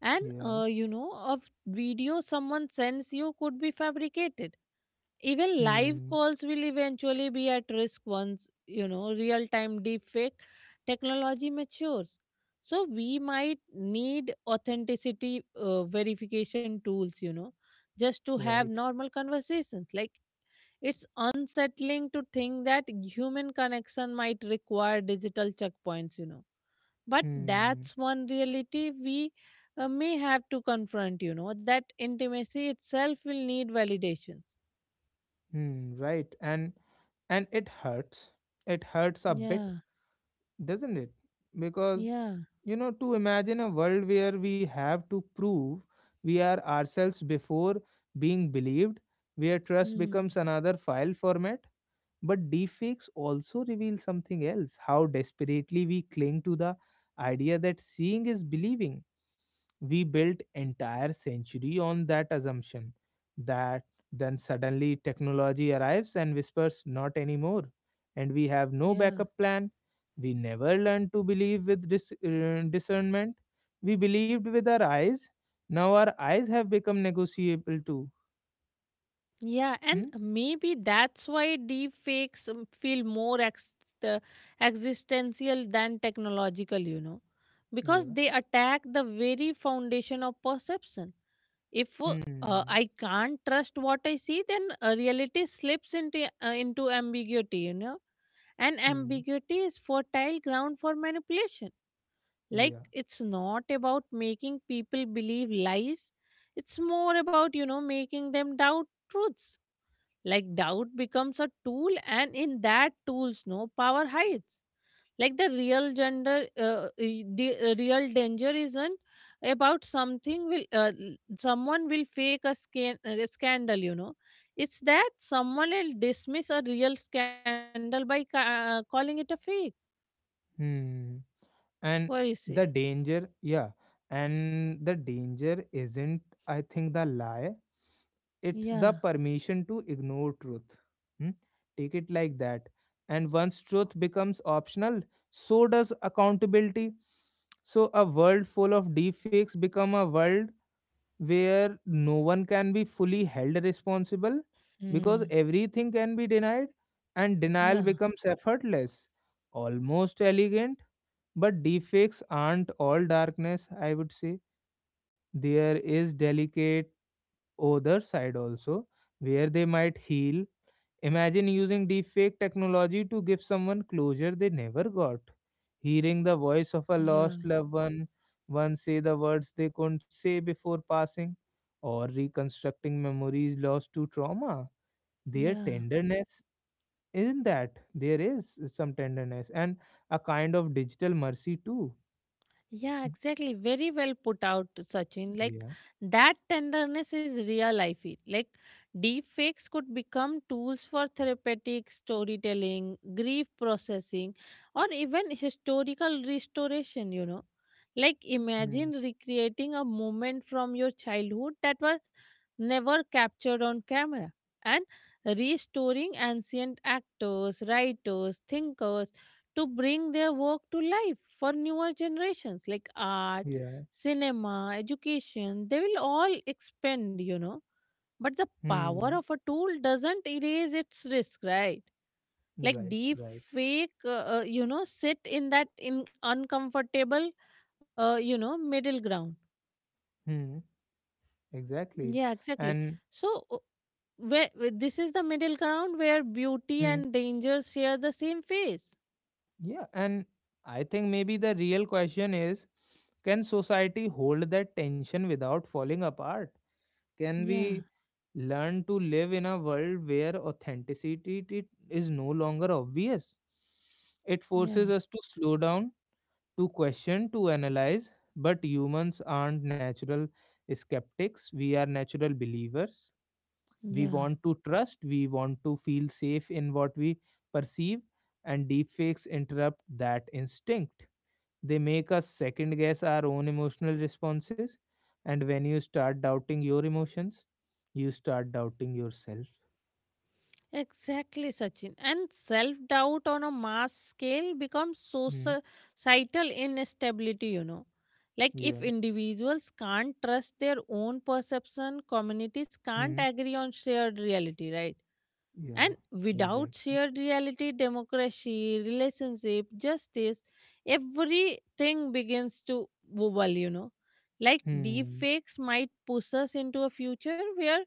And Yeah. You know, a video someone sends you could be fabricated. Even live Hmm. calls will eventually be at risk once, you know, real time deepfake technology matures. So we might need authenticity verification tools, you know, just to have Right. normal conversations. Like it's unsettling to think that human connection might require digital checkpoints, you know. But Hmm. that's one reality we may have to confront, you know, that intimacy itself will need validation. Hmm. Right. And it hurts. It hurts a bit, Yeah, doesn't it? Because, yeah. you know, to imagine a world where we have to prove we are ourselves before being believed, where trust Hmm. becomes another file format. But deepfakes also reveal something else, how desperately we cling to the idea that seeing is believing. We built entire century on that assumption, that then suddenly technology arrives and whispers not anymore, and we have no Yeah. backup plan. We never learned to believe with discernment. We believed with our eyes, now our eyes have become negotiable too. Yeah. And Hmm? maybe that's why deepfakes feel more uh, existential than technological, you know, because Yeah. they attack the very foundation of perception. If Hmm. I can't trust what I see, then reality slips into ambiguity, you know, and Hmm. ambiguity is fertile ground for manipulation. Like Yeah. it's not about making people believe lies, it's more about, you know, making them doubt truths. Like doubt becomes a tool, and in that tools no power hides. Like the real gender e- the real danger isn't about something will someone will a scandal, you know. It's that someone will dismiss a real scandal by calling it a fake. Hmm. What do you And say? the danger, yeah. And the danger isn't, I think, the lie. It's Yeah. the permission to ignore truth. Hmm? Take it like that. And once truth becomes optional, so does accountability. So a world full of deepfakes become a world where no one can be fully held responsible, because Hmm. everything can be denied, and Yeah, denial becomes effortless, almost elegant. But deepfakes aren't all darkness, I would say. There is delicate other side also, where they might heal. Imagine using deepfake technology to give someone closure they never got. Hearing the voice of a yeah. lost loved one, one say the words they couldn't say before passing, or reconstructing memories lost to trauma. Their Yeah. tenderness isn't that. There is some tenderness and a kind of digital mercy too. Yeah, exactly. Very well put out, Sachin. Like Yeah. that tenderness is real, I feel. Like deep fakes could become tools for therapeutic storytelling, grief processing, or even historical restoration, you know. Like Hmm. imagine recreating a moment from your childhood that was never captured on camera, and restoring ancient actors, writers, thinkers to bring their work to life for newer generations. Like art, Yeah. cinema, education. They will all expand, you know. But the power Hmm. of a tool doesn't erase its risk, right? Like Right. deep Right. fake, uh, uh, you know, sit in that in uncomfortable, you know, middle ground. Hmm. Yeah, Exactly. exactly. And So this is the middle ground where beauty hmm. and danger share the same face. Yeah. And I think maybe the real question is, can society hold that tension without falling apart? Can Yeah, we learn to live in a world where is no longer obvious? It yeah, forces us to slow down, to question, to analyze. But humans aren't natural skeptics. We are natural believers. We yeah. want to trust, we want to feel safe in what we perceive, and deepfakes interrupt that instinct. They make us second guess our own emotional responses, and when you start doubting your emotions, you start doubting yourself. Exactly, Sachin. And self doubt on a mass scale becomes Mm, societal instability, you know. Like, if yeah. individuals can't trust their own perception, communities can't Mm, agree on shared reality, right? yeah, And without exactly. shared reality, democracy, relationship, justice, everything begins to wobble, you know. Like Hmm. deepfakes might push us into a future where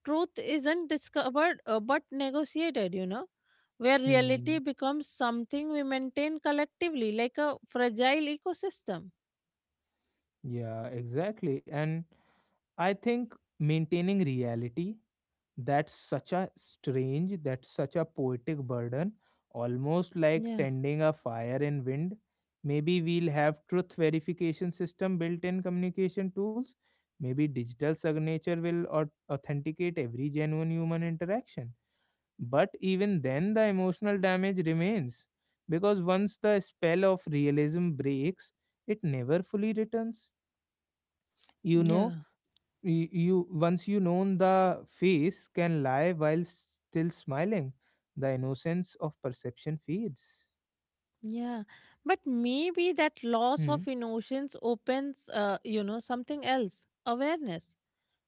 truth isn't discovered but negotiated, you know, where Hmm, reality becomes something we maintain collectively, like a fragile ecosystem. yeah, exactly. And I think maintaining reality, that's such a strange, that's such a poetic burden, almost like Yeah, tending a fire in wind. Maybe we'll have truth verification system built in communication tools. Maybe digital signature will authenticate every genuine human interaction. But even then, the emotional damage remains, because once the spell of realism breaks, it never fully returns. You know, yeah, you once you know the face can lie while still smiling, the innocence of perception fades. yeah. But maybe that loss of Hmm. emotions opens, you know, something else awareness.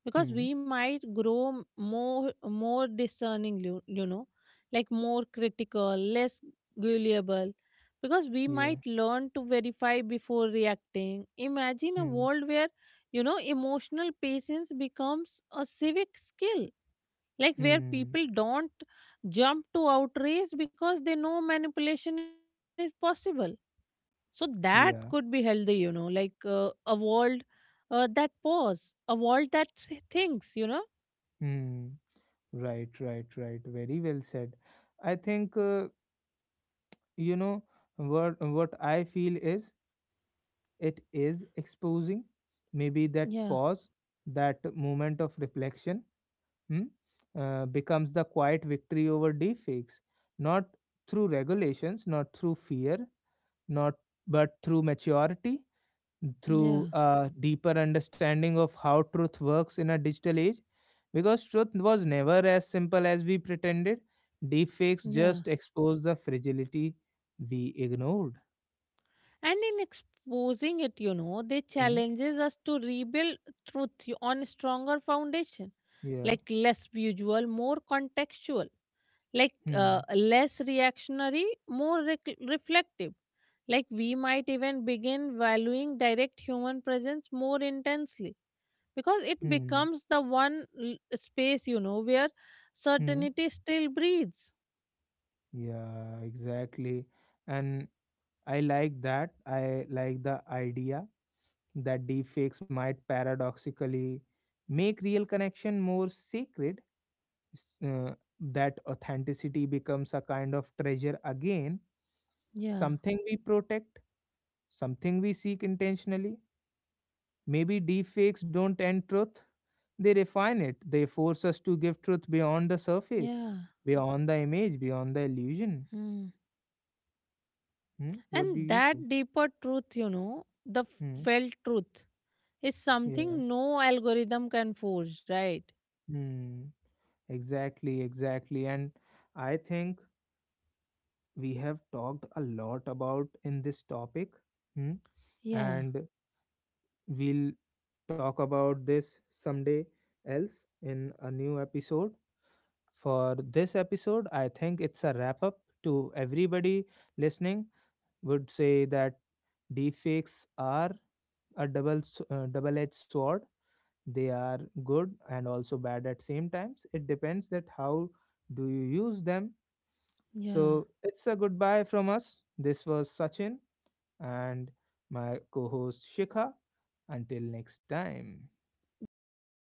Because we Hmm. might grow more more discerning, you know, like more critical, less gullible, because we Yeah. might learn to verify before reacting. Imagine a Hmm. world where, you know, emotional patience becomes a civic skill, like where Hmm. people don't jump to outrage because they know manipulation is possible. So that could be Yeah. healthy, you know, like a world that pause, a world that thinks, you know. Hmm. Right, right, right, very well said. I think you know, what I feel is it is exposing maybe that Yeah, pause, that moment of reflection, hmm, becomes the quiet victory over deepfakes, not through regulations, not through fear, not but through maturity, through yeah, a deeper understanding of how truth works in a digital age. Because truth was never as simple as we pretended, deepfakes yeah. just exposed the fragility we ignored. And in exposing it, you know, they Hmm. challenges us to rebuild truth on stronger foundation, Yeah. like less visual, more contextual, like Hmm. Less reactionary, more reflective. Like we might even begin valuing direct human presence more intensely because it Hmm. becomes the one space, you know, where Hmm. certainty still breathes. Yeah. Exactly. And I like that. I like the idea that deepfakes might paradoxically make real connection more sacred, s- uh, that authenticity becomes a kind of treasure again, Yeah, something we protect, something we seek intentionally. Maybe deepfakes don't end truth, they refine it, they force us to give truth beyond the surface, yeah. beyond the image, beyond the illusion. Hmm. Hmm? What do And you that say? deeper truth, you know, the Hmm. felt truth, is Yeah. something no algorithm can force, right? Hmm. Exactly, exactly. And I think we have talked a lot about in this topic, hmm, Yeah, and we'll talk about this someday else in a new episode. For this episode, I think it's a wrap up. To everybody listening, would say that deepfakes are a double edged sword. They are good and also bad at same times. It depends that how do you use them. yeah. So it's a goodbye from us. This was Sachin and my co-host Shikha. Until next time. This is